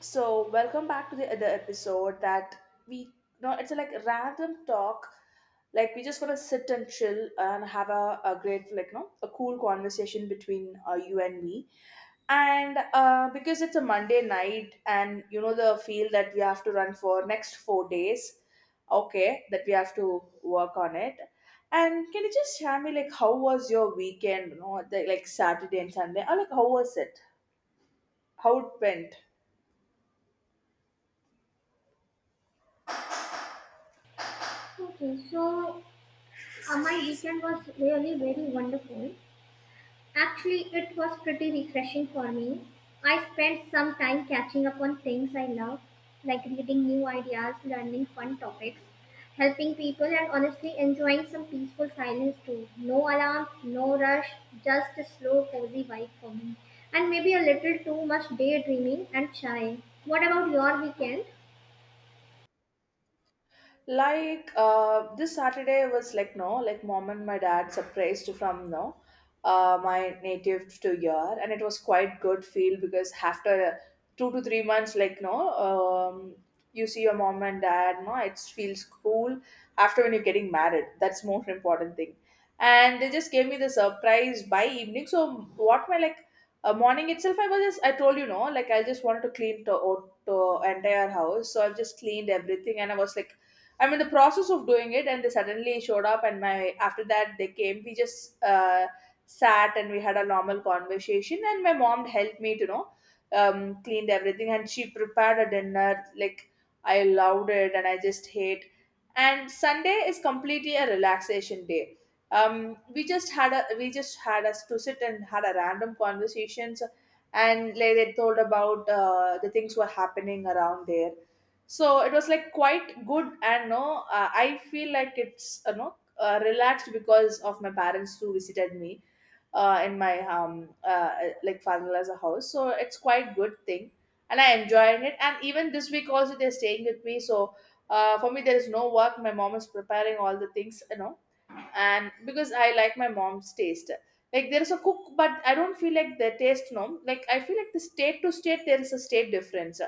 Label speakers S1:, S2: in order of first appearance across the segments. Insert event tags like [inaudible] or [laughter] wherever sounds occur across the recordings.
S1: So, welcome back to the other episode that we no, it's like a random talk. Like we just gonna sit and chill and have a great like no a cool conversation between you and me. And because it's a Monday night, and you know the field that we have to run for next 4 days. Okay, that we have to work on it. And can you just share me like how was your weekend? The like Saturday and Sunday, or like how was it? How it went?
S2: Okay, so my weekend was really very wonderful. Actually, it was pretty refreshing for me. I spent some time catching up on things I love, like reading new ideas, learning fun topics, helping people, and honestly enjoying some peaceful silence too. No alarm, no rush, just a slow, cozy vibe for me. And maybe a little too much daydreaming and chai. What about your weekend?
S1: This Saturday was like no like mom and my dad surprised from no my native to here, and it was quite good feel because after 2 to 3 months, like no you see your mom and dad, no it feels cool after when you're getting married. That's most [laughs] important thing. And they just gave me the surprise by evening. So what my like morning itself, I was just I told you, no like I just wanted to clean the entire house. So I've just cleaned everything, and I was like, I'm in the process of doing it, and they suddenly showed up. And my after that, they came. We just sat and we had a normal conversation. And my mom helped me to cleaned everything, and she prepared a dinner. Like I loved it, and I just hate. And Sunday is completely a relaxation day. We just had us to sit and had a random conversations, and like they told about the things were happening around there. So it was like quite good, and no I feel like it's relaxed because of my parents who visited me in my like father's house. So it's quite good thing, and I enjoying it, and even this week also they're staying with me. So for me there is no work. My mom is preparing all the things and because I like my mom's taste. Like there is a cook, but I don't feel like the taste. No, like I feel like the state to state there is a state difference.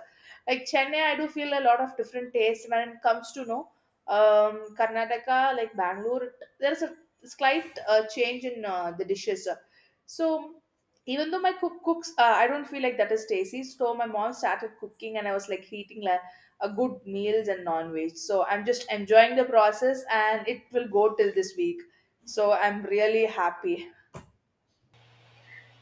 S1: Like Chennai, I do feel a lot of different taste when it comes to no Karnataka, like Bangalore. There is a slight change in the dishes. So even though my cook cooks, I don't feel like that is tasty. So my mom started cooking, and I was like eating a good meals and non-veg. So I'm just enjoying the process and it will go till this week. So I'm really happy.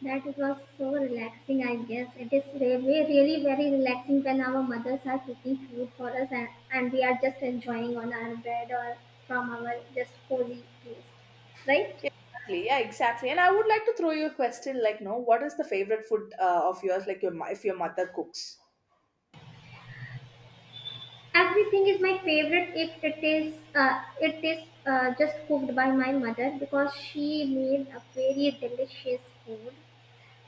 S2: That it was so relaxing, I guess. It is really, really very relaxing when our mothers are cooking food for us and, we are just enjoying on our bed or from our just cozy place, right?
S1: Yeah, exactly. Yeah, exactly. And I would like to throw you a question like, no, what is the favorite food of yours? Like your if your mother cooks.
S2: Everything is my favorite if it is it is just cooked by my mother because she made a very delicious food.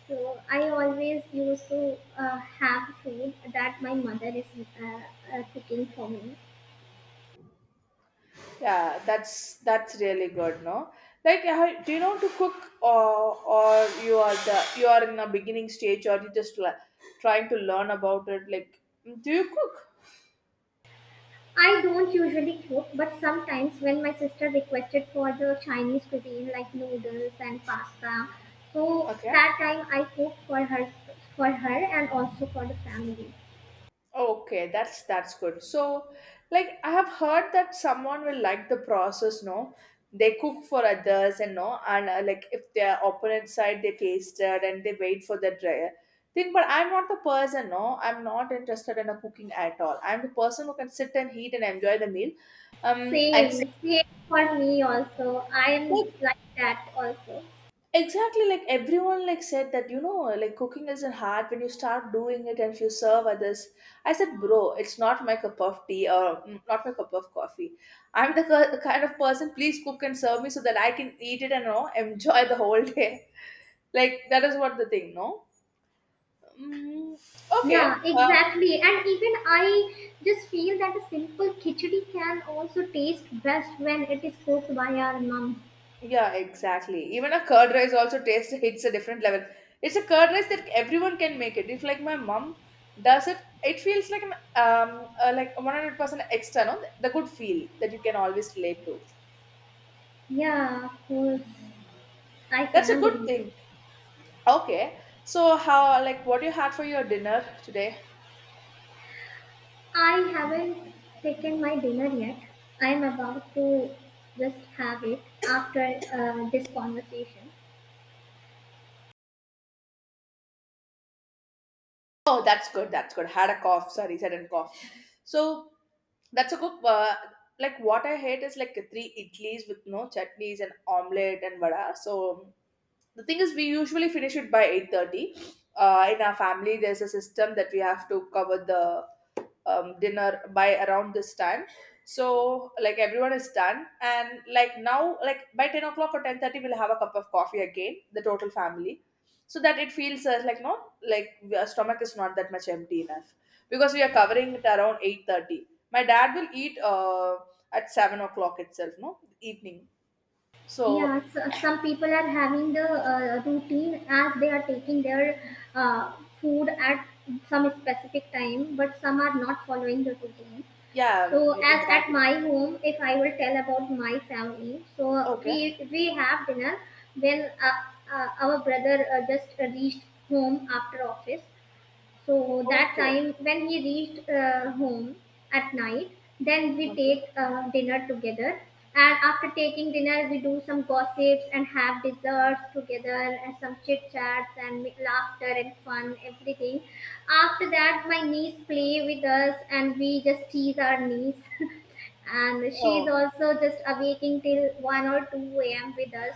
S2: So I always used to have food that my mother is uh, cooking for me.
S1: Yeah, that's really good. No, like how, do you know to cook or you are in a beginning stage, or you just like trying to learn about it? Like, do you cook?
S2: I don't usually cook, but sometimes when my sister requested for the Chinese cuisine like noodles and pasta, so
S1: Okay.
S2: that time I cook for her for her and also for the family.
S1: Okay, that's good. So, like I have heard that someone will like the process, no? They cook for others, and like if their opponent side they tasted and they wait for the dry thing. But I'm not the person, no. I'm not interested in a cooking at all. I'm the person who can sit and eat and enjoy the meal. And
S2: Same, same for me also. I am
S1: say,
S2: like that also.
S1: exactly like everyone like said that like cooking isn't hard when you start doing it, and if you serve others I said, bro, it's not my cup of tea, or not my cup of coffee. I'm the kind of person, please cook and serve me so that I can eat it and [laughs] enjoy the whole day. [laughs] Like that is what the thing no mm, okay.
S2: Yeah,
S1: uh,
S2: exactly. And even I just feel that a simple khichdi can also taste best when it is cooked by our mom.
S1: Yeah, exactly. Even a curd rice also tastes hits a different level. It's a curd rice that everyone can make it. If like my mom does it, it feels like an like 100% extra. No, the good feel that you can always relate to.
S2: Yeah, of course. I
S1: That's a
S2: can
S1: good
S2: relate.
S1: thing. Okay, so how like what you had for your dinner today?
S2: I haven't taken my dinner yet. I'm about to just have it after this conversation.
S1: Oh, that's good. That's good. Had a cough. Sorry, sudden cough. So that's a good. Like what I hate is like three idlis with no chutneys and omelette and vada. So the thing is we usually finish it by 8:30. In our family there's a system that we have to cover the dinner by around this time. So like everyone is done, and like now like by 10 o'clock or 10:30, we'll have a cup of coffee again, the total family. So that it feels like no like our stomach is not that much empty enough, because we are covering it around 8:30. My dad will eat at 7 o'clock itself, no, evening.
S2: Yeah,
S1: So
S2: so some people are having the routine as they are taking their uh, food at some specific time, but some are not following the routine.
S1: yeah,
S2: So, as at
S1: exactly.
S2: my home, if I will tell about my family, so
S1: Okay.
S2: we have dinner when our brother just reached home after office. So that
S1: Okay.
S2: time when he reached home at night, then we
S1: Okay.
S2: take dinner together. And after taking dinner, we do some gossips and have desserts together and some chit chats and laughter and fun, everything. After that, my niece play with us and we just tease our niece. [laughs] And she's
S1: Oh.
S2: also just awaking till 1 or 2 a.m. with us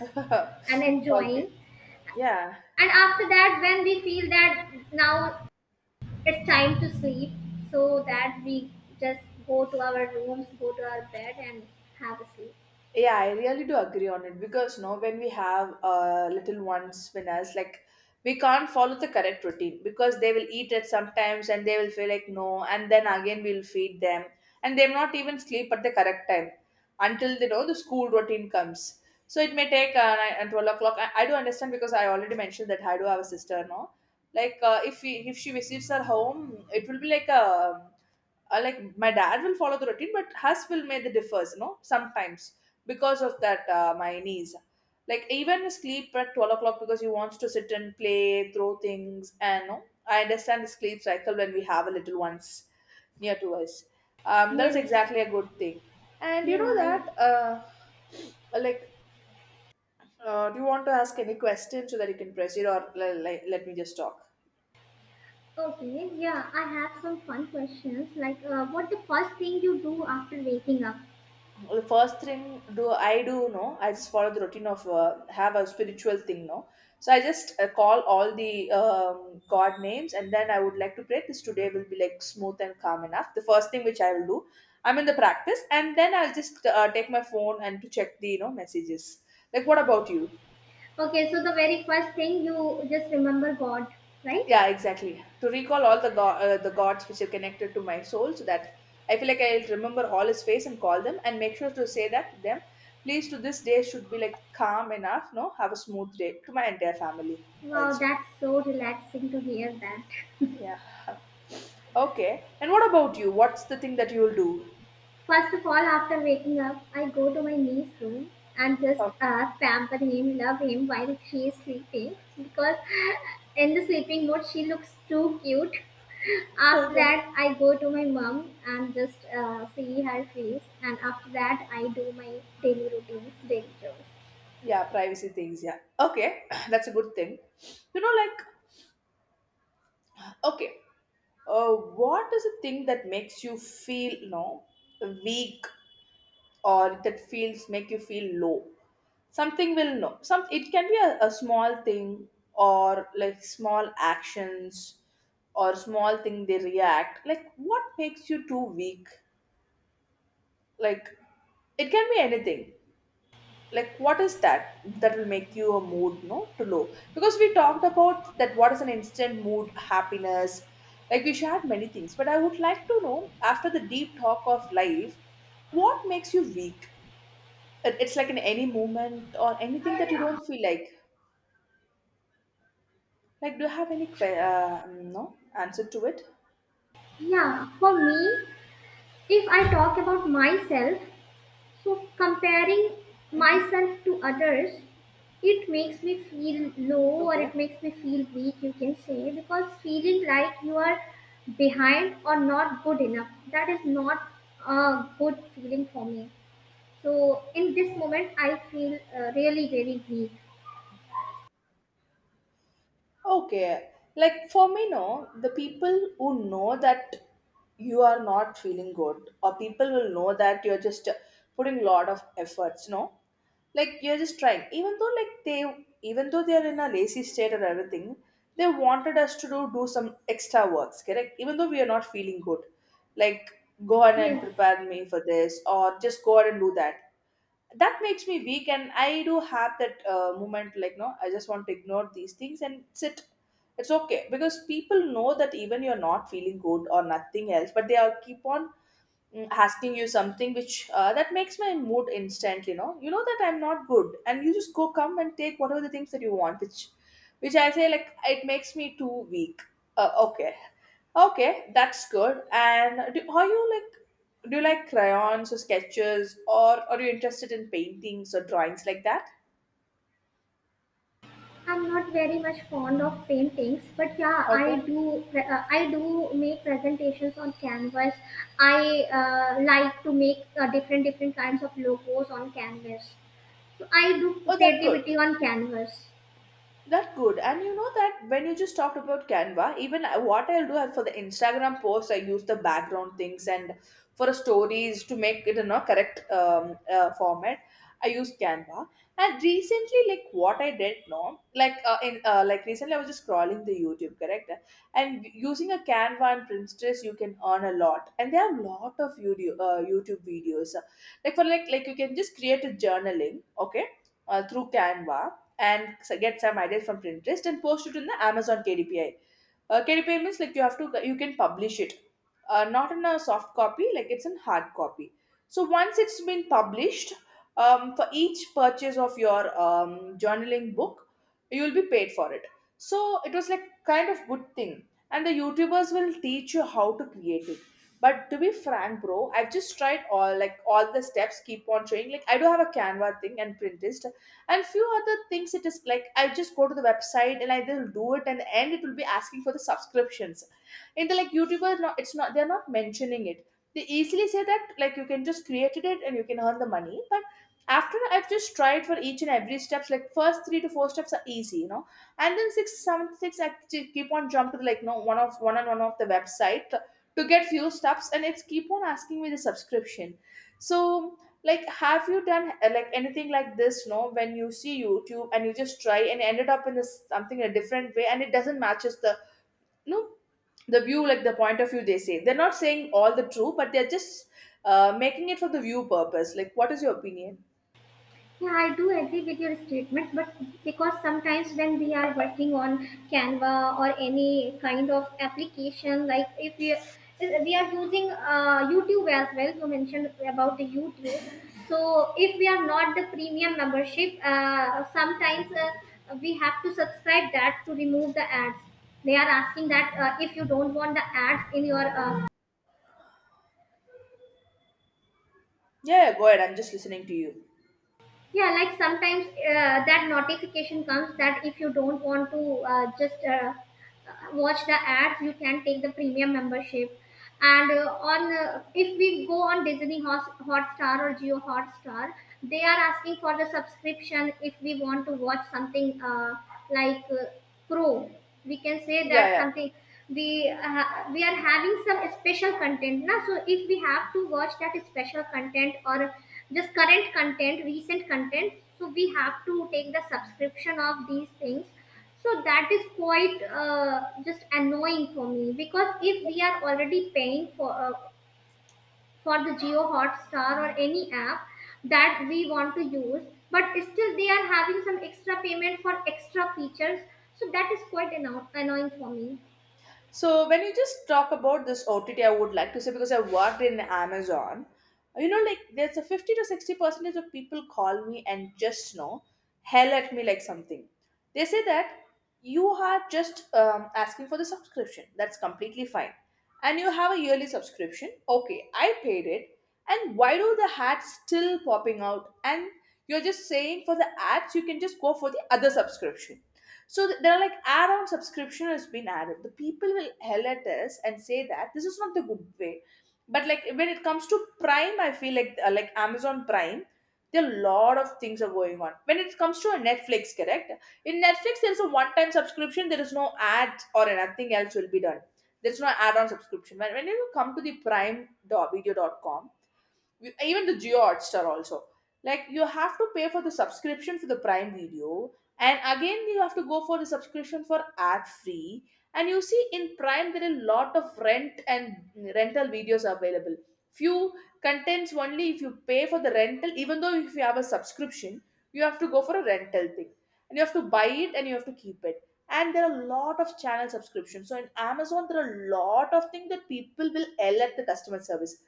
S2: and
S1: Okay.
S2: enjoying.
S1: Yeah.
S2: And after that, when we feel that now it's time to sleep, so that we just go to our bed and have a sleep.
S1: Yeah, I really do agree on it because no, when we have little ones with us, like we can't follow the correct routine because they will eat at sometimes and they will feel like no, and then again we'll feed them, and they will not even sleep at the correct time until they know the school routine comes. So it may take 9 and 12 o'clock. I do understand because I already mentioned that I do have a sister, no, like if if she visits her home, it will be like a like my dad will follow the routine, but hers will make the differs sometimes. Because of that my knees like even sleep at 12 o'clock because he wants to sit and play throw things, and I understand the sleep cycle when we have a little ones near to us. That's
S2: Yes.
S1: exactly a good thing. And you
S2: yeah
S1: know
S2: I,
S1: that like do you want to ask any question so that you can proceed, or like, let me just talk.
S2: okay, yeah, I have some fun questions like, what the first thing you do after waking up?
S1: The first thing do I do, no, I just follow the routine of have a spiritual thing, no. So I just call all the God names, and then I would like to pray. This today will be like smooth and calm enough. The first thing which I will do, I'm in the practice, and then I'll just take my phone and to check the messages. Like what about you?
S2: Okay, so the very first thing you just remember god, right?
S1: Yeah, exactly. To recall all the gods which are connected to my soul, so that I feel like I'll remember all his face and call them, and make sure to say that to them. Please, to this day should be like calm enough. No, have a smooth day to my entire family
S2: Wow,
S1: also.
S2: that's so relaxing to hear that.
S1: Yeah. Okay. And what about you? What's the thing that you'll do?
S2: First of all, after waking up, I go to my niece's room and just
S1: Oh,
S2: pamper him, love him while she is sleeping because [laughs] in the sleeping mode she looks too cute. [laughs] After
S1: okay.
S2: that, I go to my mom and just see her face, and after that, I do my daily routines, daily chores.
S1: Yeah, privacy things. Yeah. Okay, [clears throat] that's a good thing. Like, okay, what is the thing that makes you feel no weak, or that feels make you feel low? Something will know some, it can be a small thing, or like small actions, or small thing they react like what makes you too weak. Like it can be anything. Like what is that that will make you a mood no to low, because we talked about that what is an instant mood happiness. Like we shared many things, but I would like to know after the deep talk of life what makes you weak. It's like in any moment or anything that you don't feel like. Like do you have any no answer to it.
S2: Yeah, for me, if I talk about myself, so, comparing
S1: Mm-hmm.
S2: myself to others, it makes me feel low or
S1: Okay,
S2: it makes me feel weak, you can say, because feeling like you are behind or not good enough, that is not a good feeling for me. So, in this moment, I feel really, really weak.
S1: okay. Like for me, no, the people who know that you are not feeling good, or people will know that you're just putting a lot of efforts, no, like you're just trying, even though like they, even though they're in a lazy state or everything, they wanted us to do some extra works, correct? Even though we are not feeling good, like go ahead and
S2: Yes.
S1: prepare me for this, or just go ahead and do that. That makes me weak, and I do have that moment, like no, I just want to ignore these things and sit. It's okay because people know that even you're not feeling good or nothing else, but they are keep on asking you something which that makes my mood instantly, no, you know that I'm not good and you just go come and take whatever the things that you want, which I say, like, it makes me too weak. Okay, okay, that's good. And do you like crayons or sketches, or are you interested in paintings or drawings like that?
S2: I'm not very much fond of paintings, but yeah, I
S1: Okay.
S2: do. I do make presentations on canvas. I like to make different different kinds of logos on canvas. So I do
S1: Oh, that's good.
S2: creativity on canvas.
S1: That good. And you know that when you just talked about Canva, even what I'll do for the Instagram post, I use the background things, and for stories to make it in a correct format, I use Canva. And recently, like what I did, no, like in like recently, I was just scrolling the YouTube, correct? And using a Canva and Pinterest, you can earn a lot. And there are lot of video YouTube videos, like for like you can just create a journaling, okay, through Canva and get some ideas from Pinterest and post it in the Amazon KDPI. KDPI means like you have to you can publish it, not in a soft copy, like it's in hard copy. So once it's been published, for each purchase of your journaling book, you will be paid for it. So it was like kind of good thing, and the YouTubers will teach you how to create it. But to be frank, bro, I've just tried all the steps. Keep on trying. Like I do have a Canva thing and Pinterest, and few other things. It is like I just go to the website and I will do it, and end it will be asking for the subscriptions. In the like youtuber, no, it's not, they're not mentioning it. They easily say that like you can just create it and you can earn the money, but after I've just tried for each and every steps, like first three to four steps are easy, you know, and then 6 7 6, keep on jumping to, like no, one of one and one of the website, to get few steps, and it's keep on asking me the subscription. So like have you done like anything like this, no, when you see YouTube and you just try and ended up in this something a different way, and it doesn't matches the no the view, like the point of view they say, they're not saying all the true, but they're just making it for the view purpose. Like what is your opinion?
S2: Yeah, I do agree with your statements, but because sometimes when we are working on Canva or any kind of application, like if we are using YouTube as well, you mentioned about the YouTube. So if we are not the premium membership, sometimes we have to subscribe that to remove the ads. They are asking that, if you don't want the ads in your
S1: Yeah, yeah, go ahead, I'm just listening to you.
S2: yeah, like sometimes that notification comes that if you don't want to just watch the ads, you can take the premium membership. And on if we go on disney hotstar or geo hotstar, they are asking for the subscription if we want to watch something, like uh, pro, we can say
S1: Yeah,
S2: that
S1: yeah.
S2: something, we uh, we are having some special content na. So if we have to watch that special content or just current content, recent content, so we have to take the subscription of these things. So that is quite just annoying for me because if we are already paying for the Geo Hotstar or any app that we want to use, but still they are having some extra payment for extra features. So that is quite annoying for me.
S1: So when you just talk about this OTT, I would like to say, because I worked in Amazon, you know, like there's a 50 to 60 percentage of people call me and just know hell at me like something. They say that you are just asking for the subscription. That's completely fine, and you have a yearly subscription. Okay, I paid it, and why do the ads still popping out? And you're just saying for the ads, you can just go for the other subscription. So there are like add-on subscription has been added. The people will hell at us and say that this is not the good way. But like when it comes to Prime, I feel like Amazon Prime, there are a lot of things are going on. When it comes to a Netflix, correct? In Netflix, there is a one-time subscription. There is no ad or nothing else will be done. There's no add-on subscription. When you come to the Prime dot video dot com. Even the Geo Hotstar also. Like you have to pay for the subscription for the Prime Video, and again you have to go for the subscription for ad free. And you see in Prime there are a lot of rent and rental videos available. Few contents only if you pay for the rental, even though if you have a subscription, you have to go for a rental thing. And you have to buy it and you have to keep it. And there are a lot of channel subscriptions. So in Amazon, there are a lot of things that people will yell at the customer service.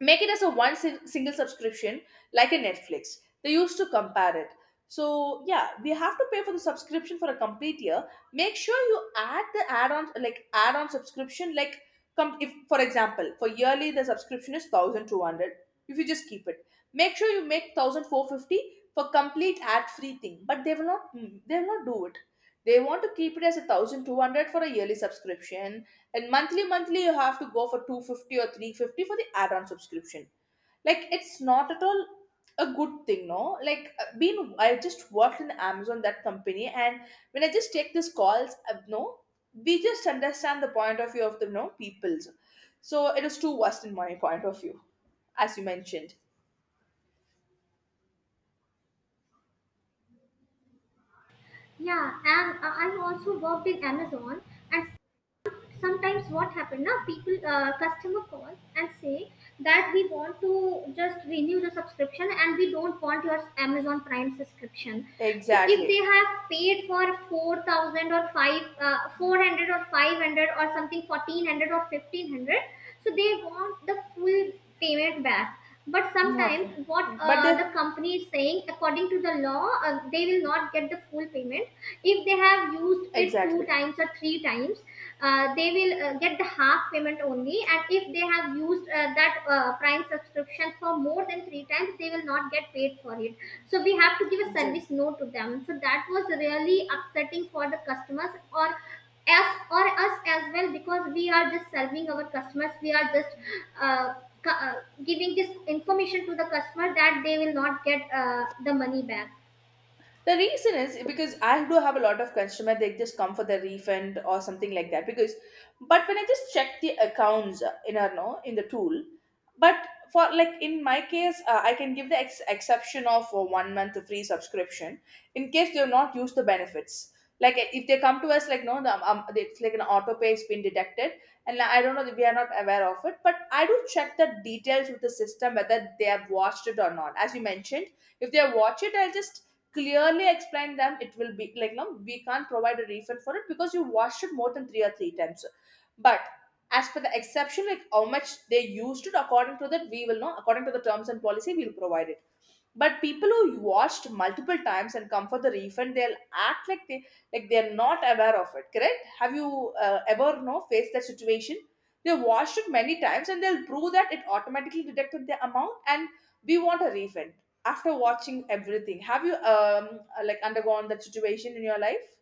S1: Make it as a one single subscription, like a Netflix, they used to compare it. So yeah, we have to pay for the subscription for a complete year. Make sure you add the add-on, like add-on subscription, like if for example for yearly the subscription is 1200. If you just keep it, make sure you make thousand four fifty for complete ad-free thing, but they will not do it. They want to keep it as a 1200 for a yearly subscription, and monthly you have to go for 250 or 350 for the add-on subscription. Like it's not at all a good thing, no, like being I just worked in Amazon, that company, and when I just take these calls, no, we just understand the point of view of the no peoples. So it is too worst in my point of view, as you mentioned.
S2: Yeah, and I've also worked in Amazon, and sometimes what happen now, people customer calls and say that we want to just renew the subscription and we don't want your amazon prime subscription. So if
S1: Exactly.
S2: they have paid for 4,000 or 5 uh, 400 or 500 or something, 1,400 or 1,500, so they want the full payment back. But sometimes
S1: Okay,
S2: what
S1: but they.
S2: the company is saying, according to the law, they will not get the full payment if they have used it two
S1: Exactly.
S2: times or three times. They will get the half payment only, and if they have used that prime subscription for more than three times, they will not get paid for it. So we have to give a
S1: Exactly.
S2: service note to them, so that was really upsetting for the customers or as or us as well, because we are just serving our customers. We are just uh, cu- uh, giving this information to the customer that they will not get the money back.
S1: The reason is because I do have a lot of customer. They just come for the refund or something like that. But when I just check the accounts in our no in the tool, but for like in my case, I can give the exception of one month free subscription in case they have not used the benefits. Like if they come to us like no, it's like an auto pay has been detected, and I don't know we are not aware of it. But I do check the details with the system whether they have watched it or not. As you mentioned, if they watch it, I'll just clearly explain them. It will be like no, we can't provide a refund for it because you washed it more than three times. But as per the exception, like how much they used it, according to that we will know. According to the terms and policy, we'll provide it. But people who washed multiple times and come for the refund, they'll act like they, they're not aware of it, correct? Have you ever, no, faced that situation? They washed it many times and they'll prove that it automatically deducted the amount, and we want a refund after watching everything. Have you like undergone that situation in your life?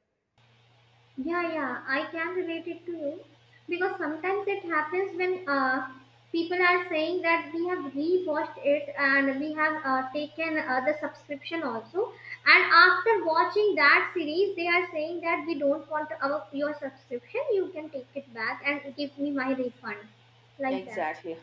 S2: Yeah, yeah, I can relate it to you because sometimes it happens when people are saying that we have rewatched it and we have taken the subscription also, and after watching that series, they are saying that we don't want our, your subscription. You can take it back and give me my refund, like that.
S1: Exactly.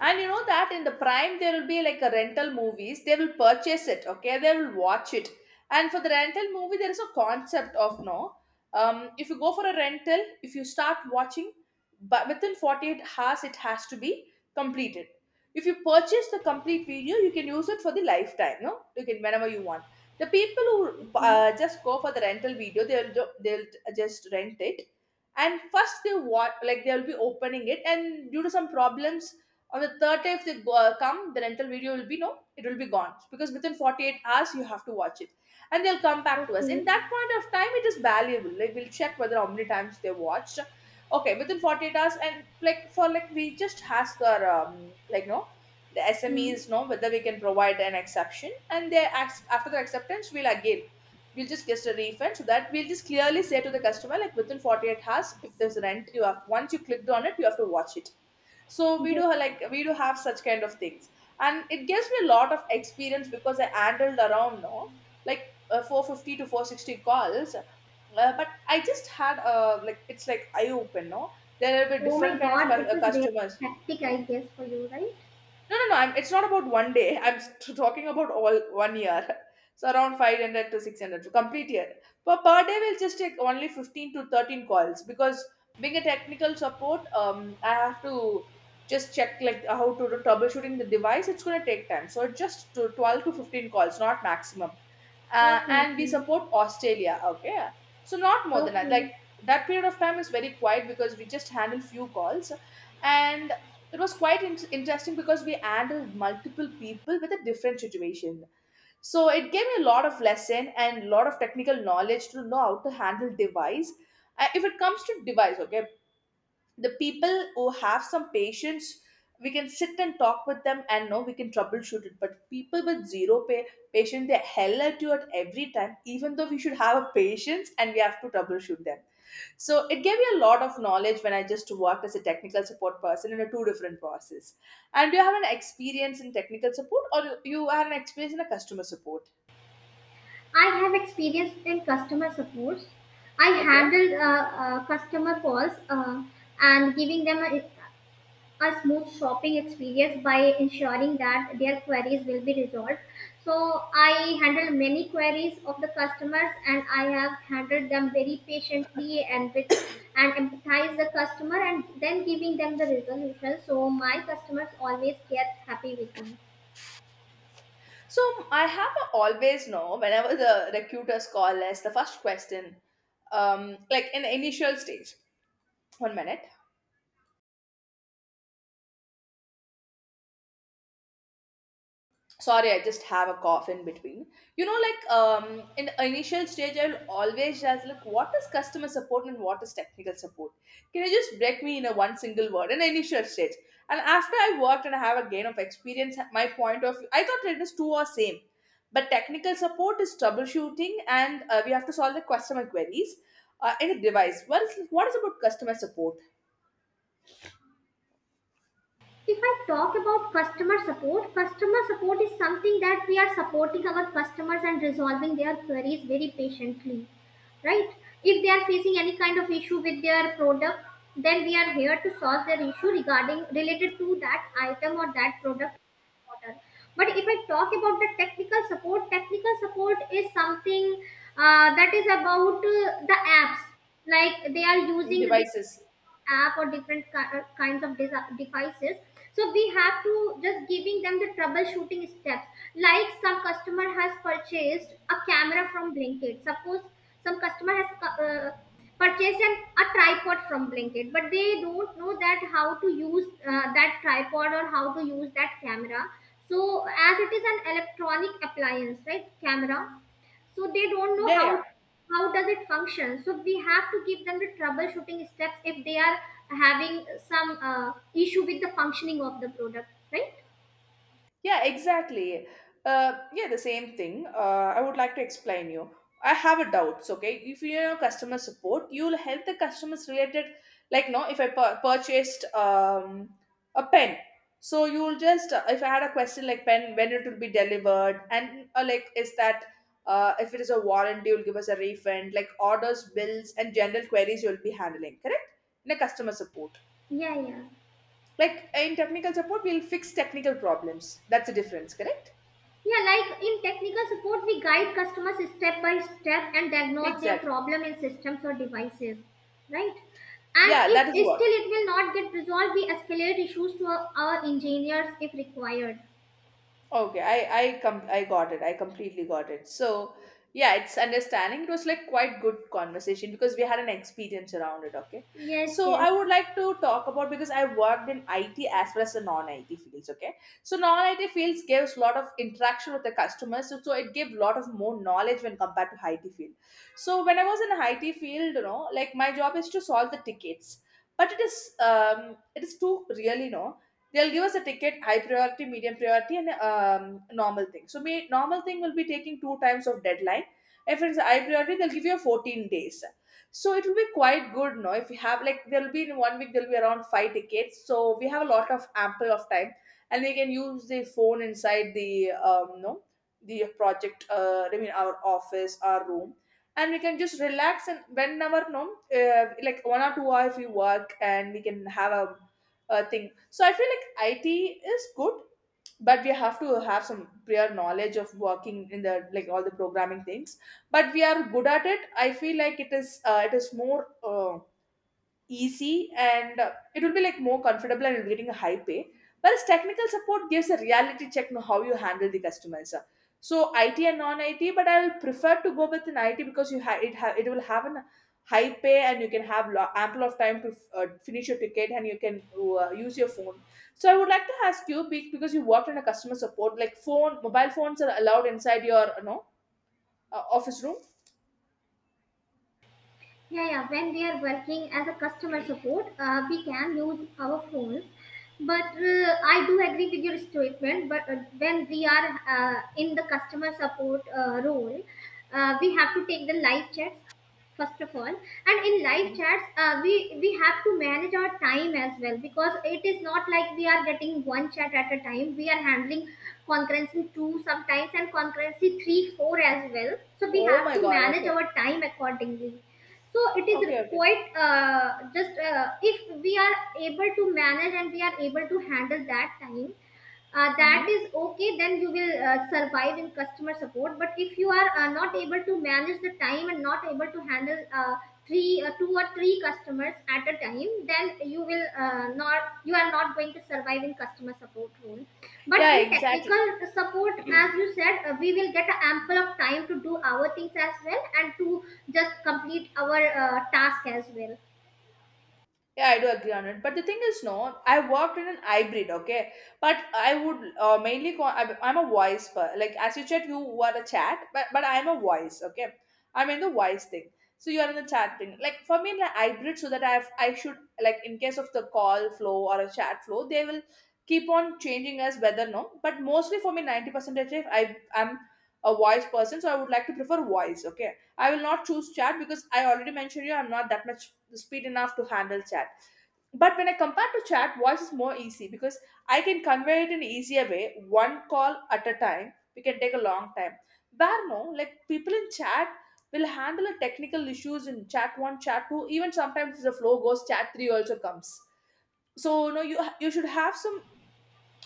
S1: And you know that in the prime there will be like a rental movies. They will purchase it, okay? They will watch it. And for the rental movie, there is a concept of, no. If you go for a rental, if you start watching, but within 48 hours it has to be completed. If you purchase the complete video, you can use it for the lifetime, no? You can whenever you want. The people who
S2: Okay,
S1: just go for the rental video, they'll just rent it, and first they watch like they'll be opening it, and due to some problems on the third day, if they come, the rental video will be no, it will be gone because within 48 hours you have to watch it, and they'll come back to us.
S2: okay.
S1: In that point of time, it is valuable. Like we'll check whether how many times they watched. Okay, within 48 hours, and like for like we just ask our like no the
S2: Hmm.
S1: SMEs know whether we can provide an exception, and they ask after the acceptance, we'll just get a refund, so that we'll just clearly say to the customer like within 48 hours if there's rent, you have, once you clicked on it you have to watch it. So we do
S2: Yes.
S1: like we do have such kind of things. And it gives me a lot of experience because I handled around, no, like 450 to 460 calls but I just had like it's like eye open, no, there will be
S2: Oh my
S1: different kind of
S2: God, it was really
S1: customers.
S2: hectic, I guess, for you, right?
S1: No, no, no. It's not about one day. Talking about all one year. [laughs] So around 500 to 600, to complete year. Per day, we'll just take only 15 to 13 calls because being a technical support, I have to just check like how to do troubleshooting the device. It's going to take time. So just to 12 to 15 calls, not maximum.
S2: Okay,
S1: And we
S2: okay,
S1: support Australia. Okay. So not more than that. Like
S2: okay.
S1: that period of time is very quiet because we just handle few calls. And it was quite interesting because we handled multiple people with a different situation, so it gave me a lot of lesson and a lot of technical knowledge to know how to handle device. If it comes to device, okay, the people who have some patience, we can sit and talk with them and know we can troubleshoot it, but people with zero patience, they hell at you at every time, even though we should have a patience and we have to troubleshoot them. So it gave me a lot of knowledge when I just worked as a technical support person in a two different process. And do you have an experience in technical support or you have an experience in a customer support?
S2: I have experience in customer support. I
S1: Okay.
S2: handled customer calls and giving them a smooth shopping experience by ensuring that their queries will be resolved. So I handled many queries of the customers and I have handled them very patiently and with and empathize the customer and then giving them the resolution. So my customers always get happy with me.
S1: So I have a always know whenever the recruiters call us, the first question, like in the initial stage, one minute. Sorry, I just have a cough in between. You know, like in the initial stage, I'll always just like, what is customer support and what is technical support? Can you just break me in a one single word in the initial stage? And after I worked and I have a gain of experience, my point of view, I thought it is two or same, but technical support is troubleshooting and we have to solve the customer queries in a device. What is about customer support?
S2: If I talk about customer support is something that we are supporting our customers and resolving their queries very patiently, right? If they are facing any kind of issue with their product, then we are here to solve their issue regarding related to that item or that product order. But if I talk about the technical support is something that is about the apps. Like they are using
S1: Devices.
S2: app or different kinds of devices, so we have to just giving them the troubleshooting steps. Like some customer has purchased a camera from blinkit, suppose some customer has purchased a tripod from blinkit, but they don't know that how to use that tripod or how to use that camera. So as it is an electronic appliance, right, camera, so they don't know
S1: Yeah, yeah.
S2: how does it function, so we have to give them the troubleshooting steps if they are having some issue with the functioning of the product, right?
S1: Yeah, exactly. Yeah, the same thing. I would like to explain you. I have a doubts. Okay, if you know customer support, you'll help the customers related. Like, no, if I purchased a pen, so you'll just if I had a question like pen, when it will be delivered, and like is that if it is a warranty, you'll give us a refund. Like orders, bills, and general queries, you'll be handling. Correct? In a customer support,
S2: Yeah, yeah,
S1: like in technical support, we'll fix technical problems. That's the difference. Correct?
S2: yeah, like in technical support we guide customers step by step and diagnose their
S1: Exactly.
S2: problem in systems or devices, right? And
S1: Yeah, that is
S2: if
S1: what.
S2: still it will not get resolved, we escalate issues to our engineers if required.
S1: Okay, I got it. I completely got it. So yeah, it's understanding. It was like quite good conversation because we had an experience around it. Okay,
S2: Yes,
S1: so
S2: yes.
S1: I would like to talk about because I worked in IT as well as the non-IT fields. Okay, so non-IT fields gives a lot of interaction with the customers, so it gives a lot of more knowledge when compared to IT field. So when I was in IT field, you know, like my job is to solve the tickets, but it is too really no They'll give us a ticket, high priority, medium priority, and normal thing. So, me normal thing will be taking two times of deadline. If it's high priority, they'll give you a 14 days. So it will be quite good, no? If you have like there'll be in one week there'll be around five tickets. So we have a lot of ample of time, and we can use the phone inside the no the project. I mean our office, our room, and we can just relax and whenever no like one or two hours if we work and we can have a thing. So I feel like IT is good, but we have to have some prior knowledge of working in the like all the programming things. But we are good at it. I feel like it is more. Easy and it will be like more comfortable and you're getting a high pay. Whereas technical support gives a reality check on how you handle the customers. So IT and non-IT, but I will prefer to go with an IT because you ha- it will have an high pay and you can have ample of time to finish your ticket and you can use your phone. So I would like to ask you because you worked in a customer support, like phone, mobile phones are allowed inside your office room.
S2: Yeah, yeah. When we are working as a customer support, we can use our phones. But I do agree with your statement. But when we are in the customer support role, we have to take the live chats first of all. And in live
S1: Mm.
S2: chats, we have to manage our time as well because it is not like we are getting one chat at a time. We are handling concurrency two sometimes and concurrency three, four as well. So we
S1: Oh
S2: have
S1: my
S2: to
S1: God!
S2: manage
S1: Okay,
S2: our time accordingly, so it is
S1: okay, okay.
S2: quite just if we are able to manage and we are able to handle that time, that
S1: Hmm.
S2: is okay, then you will survive in customer support. But if you are not able to manage the time and not able to handle three two or three customers at a time, then you will not you are not going to survive in customer support role. But
S1: Yeah,
S2: in
S1: exactly.
S2: technical support, as you said, we will get ample of time to do our things as well and to just complete our task as well.
S1: Yeah, I do agree on it. But the thing is, no, I worked in an hybrid, okay? But I would mainly, call, I'm a voice, per, like as you said, you were a chat, but I'm a voice, okay? I'm in the voice thing. So you are in the chat thing. Like for me, like hybrid, so that I have, I should, like in case of the call flow or a chat flow, they will keep on changing as whether no. But mostly for me, 90% of it, I'm a voice person, so I would like to prefer voice, okay? I will not choose chat because I already mentioned you, I'm not that much speed enough to handle chat. But when I compare to chat, voice is more easy because I can convey it in easier way, one call at a time. We can take a long time. Where no, like people in chat will handle the technical issues in chat one, chat two. Even sometimes if the flow goes, chat three also comes. So no, you should have some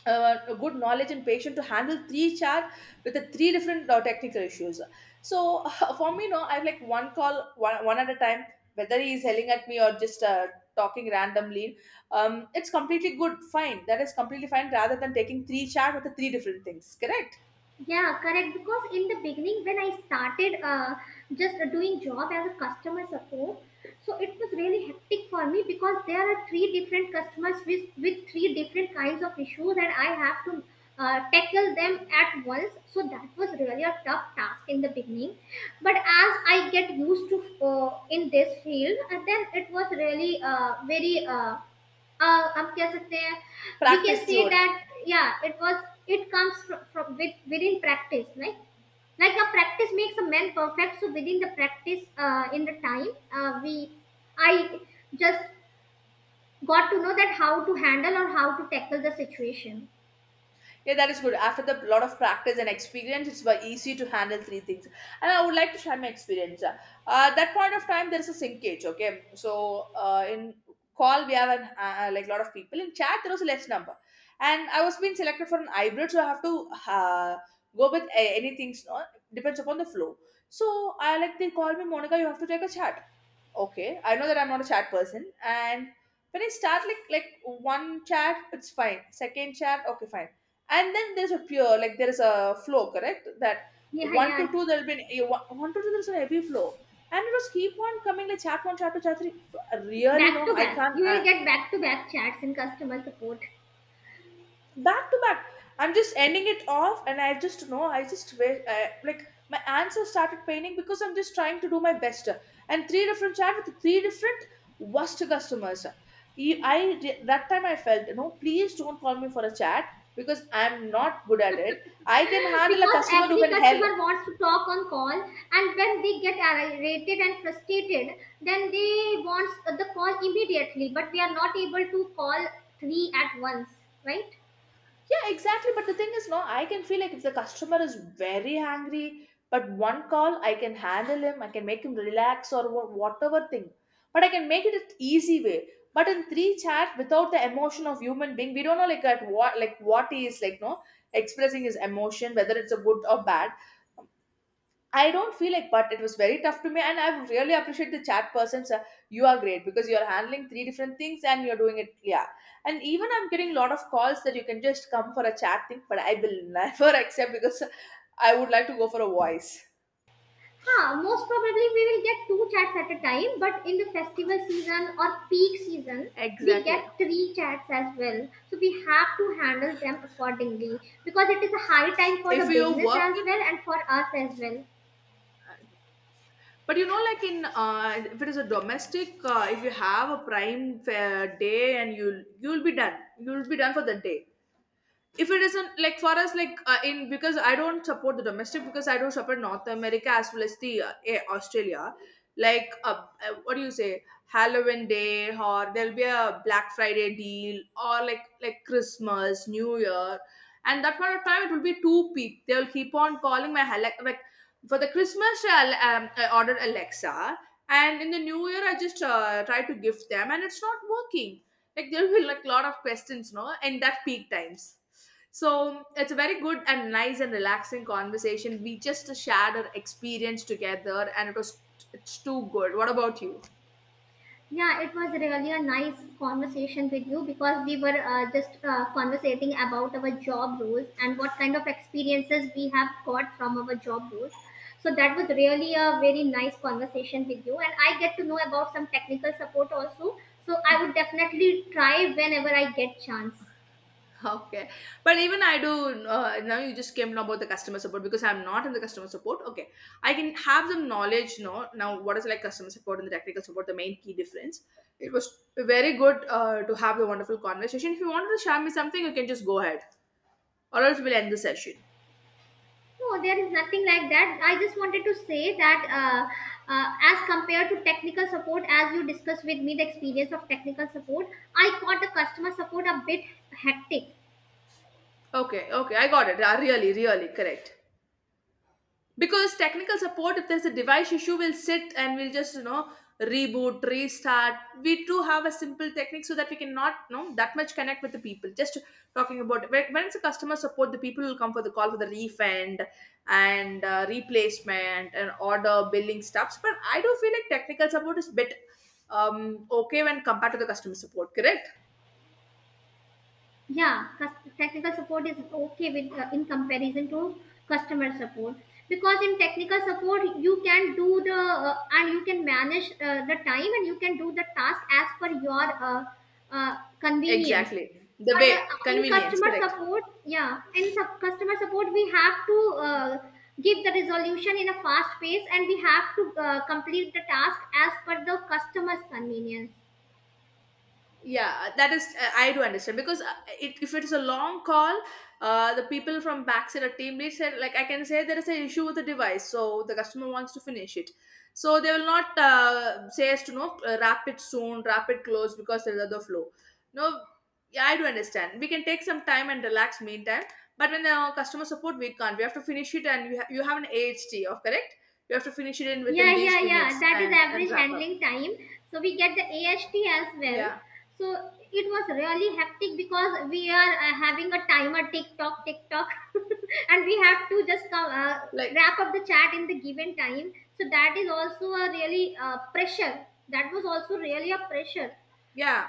S1: a good knowledge and patience to handle three chat with the three different technical issues. So [laughs] for me, no, I have like one at a time. Whether he is yelling at me or just talking randomly, it's completely good, fine. That is completely fine. Rather than taking three chat with the three different things, correct?
S2: Yeah, correct. Because in the beginning, when I started just doing job as a customer support, so it was really hectic for me because there are three different customers with three different kinds of issues, and I have to tackle them at once. So that was really a tough task in the beginning. But as I get used to in this field, and then it was really very. हम कह सकते हैं we can
S1: Practice,
S2: से
S1: Jude.
S2: That या it was it comes from within practice like a practice makes a man perfect so within the practice in the time we I just got to know that how to handle or how to tackle the situation.
S1: Yeah, that is good. After the lot of practice and experience, it's very easy to handle three things. And I would like to share my experience. At that point of time, there's a sinkage. Okay, so in call we have an, like lot of people. In chat, there was less number, and I was being selected for an hybrid, so I have to uh, go with anything. So depends upon the flow. So I like they call me Monica. You have to take a chat. Okay, I know that I'm not a chat person, and when I start like one chat, it's fine. Second chat, okay, fine. And then there's a pure like there is a flow, correct? That
S2: Yeah,
S1: one to
S2: yeah.
S1: two there'll be an, one to two there's a heavy flow, and it was keep on coming like chat one, chat two, chat three. Really,
S2: Back
S1: no,
S2: to
S1: I
S2: back, you
S1: can't.
S2: will get back to back chats in customer support
S1: Back to back. I'm just ending it off and I just know, I just wish like my answer started painting because I'm just trying to do my best, and three different chat with three different worst customers. That time I felt, no, please don't call me for a chat because I'm not good at it. I can handle a
S2: because
S1: customer who
S2: every
S1: can help.
S2: customer wants to talk on call, and when they get irritated and frustrated, then they want the call immediately, but we are not able to call three at once, right?
S1: Yeah, exactly. But the thing is, no, I can feel like if the customer is very angry, but one call, I can handle him, I can make him relax or whatever thing. But I can make it an easy way. But in three chat, without the emotion of human being, we don't know like at what like what he is like no expressing his emotion, whether it's a good or bad. I don't feel like, but it was very tough to me, and I really appreciate the chat persons. You are great because you are handling three different things and you're doing it clear. And even I'm getting a lot of calls that you can just come for a chat thing, but I will never [laughs] accept because I would like to go for a voice.
S2: Huh, most probably we will get two chats at a time, but in the festival season or peak season, we
S1: Exactly.
S2: get three chats as well, so we have to handle them accordingly because it is a high time for
S1: If
S2: the
S1: you're
S2: business as
S1: working,
S2: well and for us as well.
S1: but you know, like in if it is a domestic, if you have a prime fair day and you'll be done, you'll be done for the day. If it isn't like for us like in because I don't support the domestic because I don't support North America as well as the Australia, like what do you say, Halloween day or there'll be a Black Friday deal or like Christmas, new year, and that part of time it will be two peak. They'll keep on calling my Alexa. Like, for the Christmas I'll, I ordered Alexa, and in the new year I just try to gift them and it's not working. Like there'll be like a lot of questions, no, in that peak times. So it's a very good and nice and relaxing conversation. We just shared our experience together, and it was, it's too good. What about you? [laughs]
S2: Yeah, it was really a nice conversation with you because we were just conversating about our job roles and what kind of experiences we have got from our job roles. So that was really a very nice conversation with you, and I get to know about some technical support also. So I would definitely try whenever I get chance.
S1: Okay, but even I do now. You just came to know about the customer support because I'm not in the customer support. Okay, I can have some knowledge. No, now what is like customer support and the technical support? The main key difference. It was very good to have a wonderful conversation. If you wanted to share me something, you can just go ahead, or else we'll end the session.
S2: No, there is nothing like that. I just wanted to say that as compared to technical support, as you discussed with me the experience of technical support, I caught the customer support a bit hectic.
S1: Okay, okay, I got it. Really, really correct. Because technical support, if there's a device issue, we'll sit and we'll just, you know, reboot, restart. We do have a simple technique, so that we cannot, you know, that much connect with the people. Just talking about when it's a customer support, the people will come for the call for the refund and replacement and order billing stuffs. But I do feel like technical support is bit okay when compared to the customer support, correct?
S2: Yeah, technical support is okay with in comparison to customer support because in technical support you can do the and you can manage the time and you can do the task as per your convenient.
S1: Exactly, the
S2: But
S1: way
S2: in
S1: convenience,
S2: customer
S1: correct?
S2: support, yeah, in customer support, we have to give the resolution in a fast pace, and we have to complete the task as per the customer's convenience.
S1: Yeah, that is I do understand because it, if it's a long call, the people from backside or team lead said like I can say there is an issue with the device, so the customer wants to finish it, so they will not say as to no, wrap it soon, wrap it close because there's other flow, no? Yeah, I do understand, we can take some time and relax meantime. But when the customer support, we can't, we have to finish it, and you, you have an AHT of correct. You have to finish it in within
S2: Yeah, yeah,
S1: these
S2: yeah.
S1: minutes
S2: That is
S1: and
S2: average
S1: wrap up.
S2: handling time. So we get the AHT as well.
S1: Yeah,
S2: So it was really hectic because we are having a timer, tick tock, tick tock, [laughs] and we have to just come,
S1: like,
S2: wrap up the chat in the given time. So that is also a really pressure. That was also really a pressure.
S1: yeah.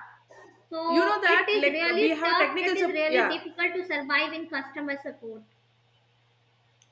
S1: You know
S2: So it
S1: that,
S2: is
S1: like, we
S2: really
S1: have a
S2: tough.
S1: technical
S2: It is
S1: support.
S2: really
S1: Yeah,
S2: difficult to survive in customer support.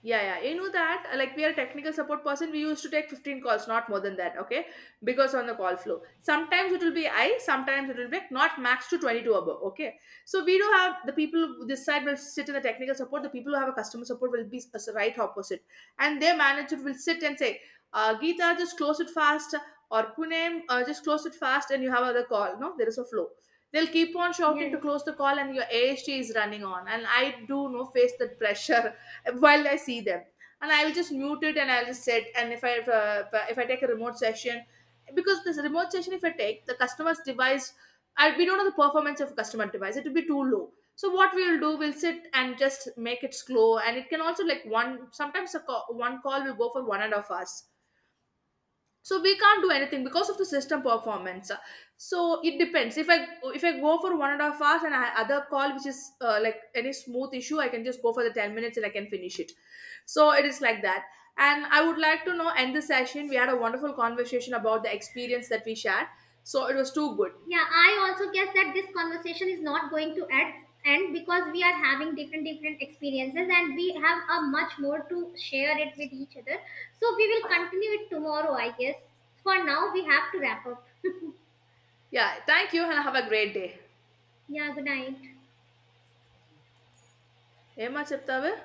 S1: yeah, yeah. You know that, like we are a technical support person, we used to take 15 calls, not more than that, okay? Because on the call flow. Sometimes it will be I, sometimes it will be like not max to 22 above, okay? So we do have the people this side will sit in the technical support, the people who have a customer support will be right opposite. And their manager will sit and say, Geeta, just close it fast, or Punem, just close it fast, and you have other call, no? There is a flow. They'll keep on shouting to
S2: Yes.
S1: close the call, and your AHT is running on. And I do no face that pressure while I see them. And I'll just mute it and I'll just sit. And if I take a remote session, because this remote session, if I take the customer's device, I, we don't know the performance of customer device. It will be too low. So what we'll do, we'll sit and just make it slow. And it can also like one. Sometimes a call, one call will go for one and a half hours, so we can't do anything because of the system performance. So it depends, if I go for one and a half hours and I have other call which is like any smooth issue, I can just go for the 10 minutes and I can finish it. So it is like that. And I would like to know, end the session, we had a wonderful conversation about the experience that we shared. So it was too good.
S2: Yeah, I also guess that this conversation is not going to end, because we are having different different experiences and we have a much more to share it with each other. So we will continue it tomorrow, I guess. For now, we have to wrap up.
S1: Yeah, thank you and have a great day.
S2: Yeah, good night.
S1: ఏమా చెప్తావే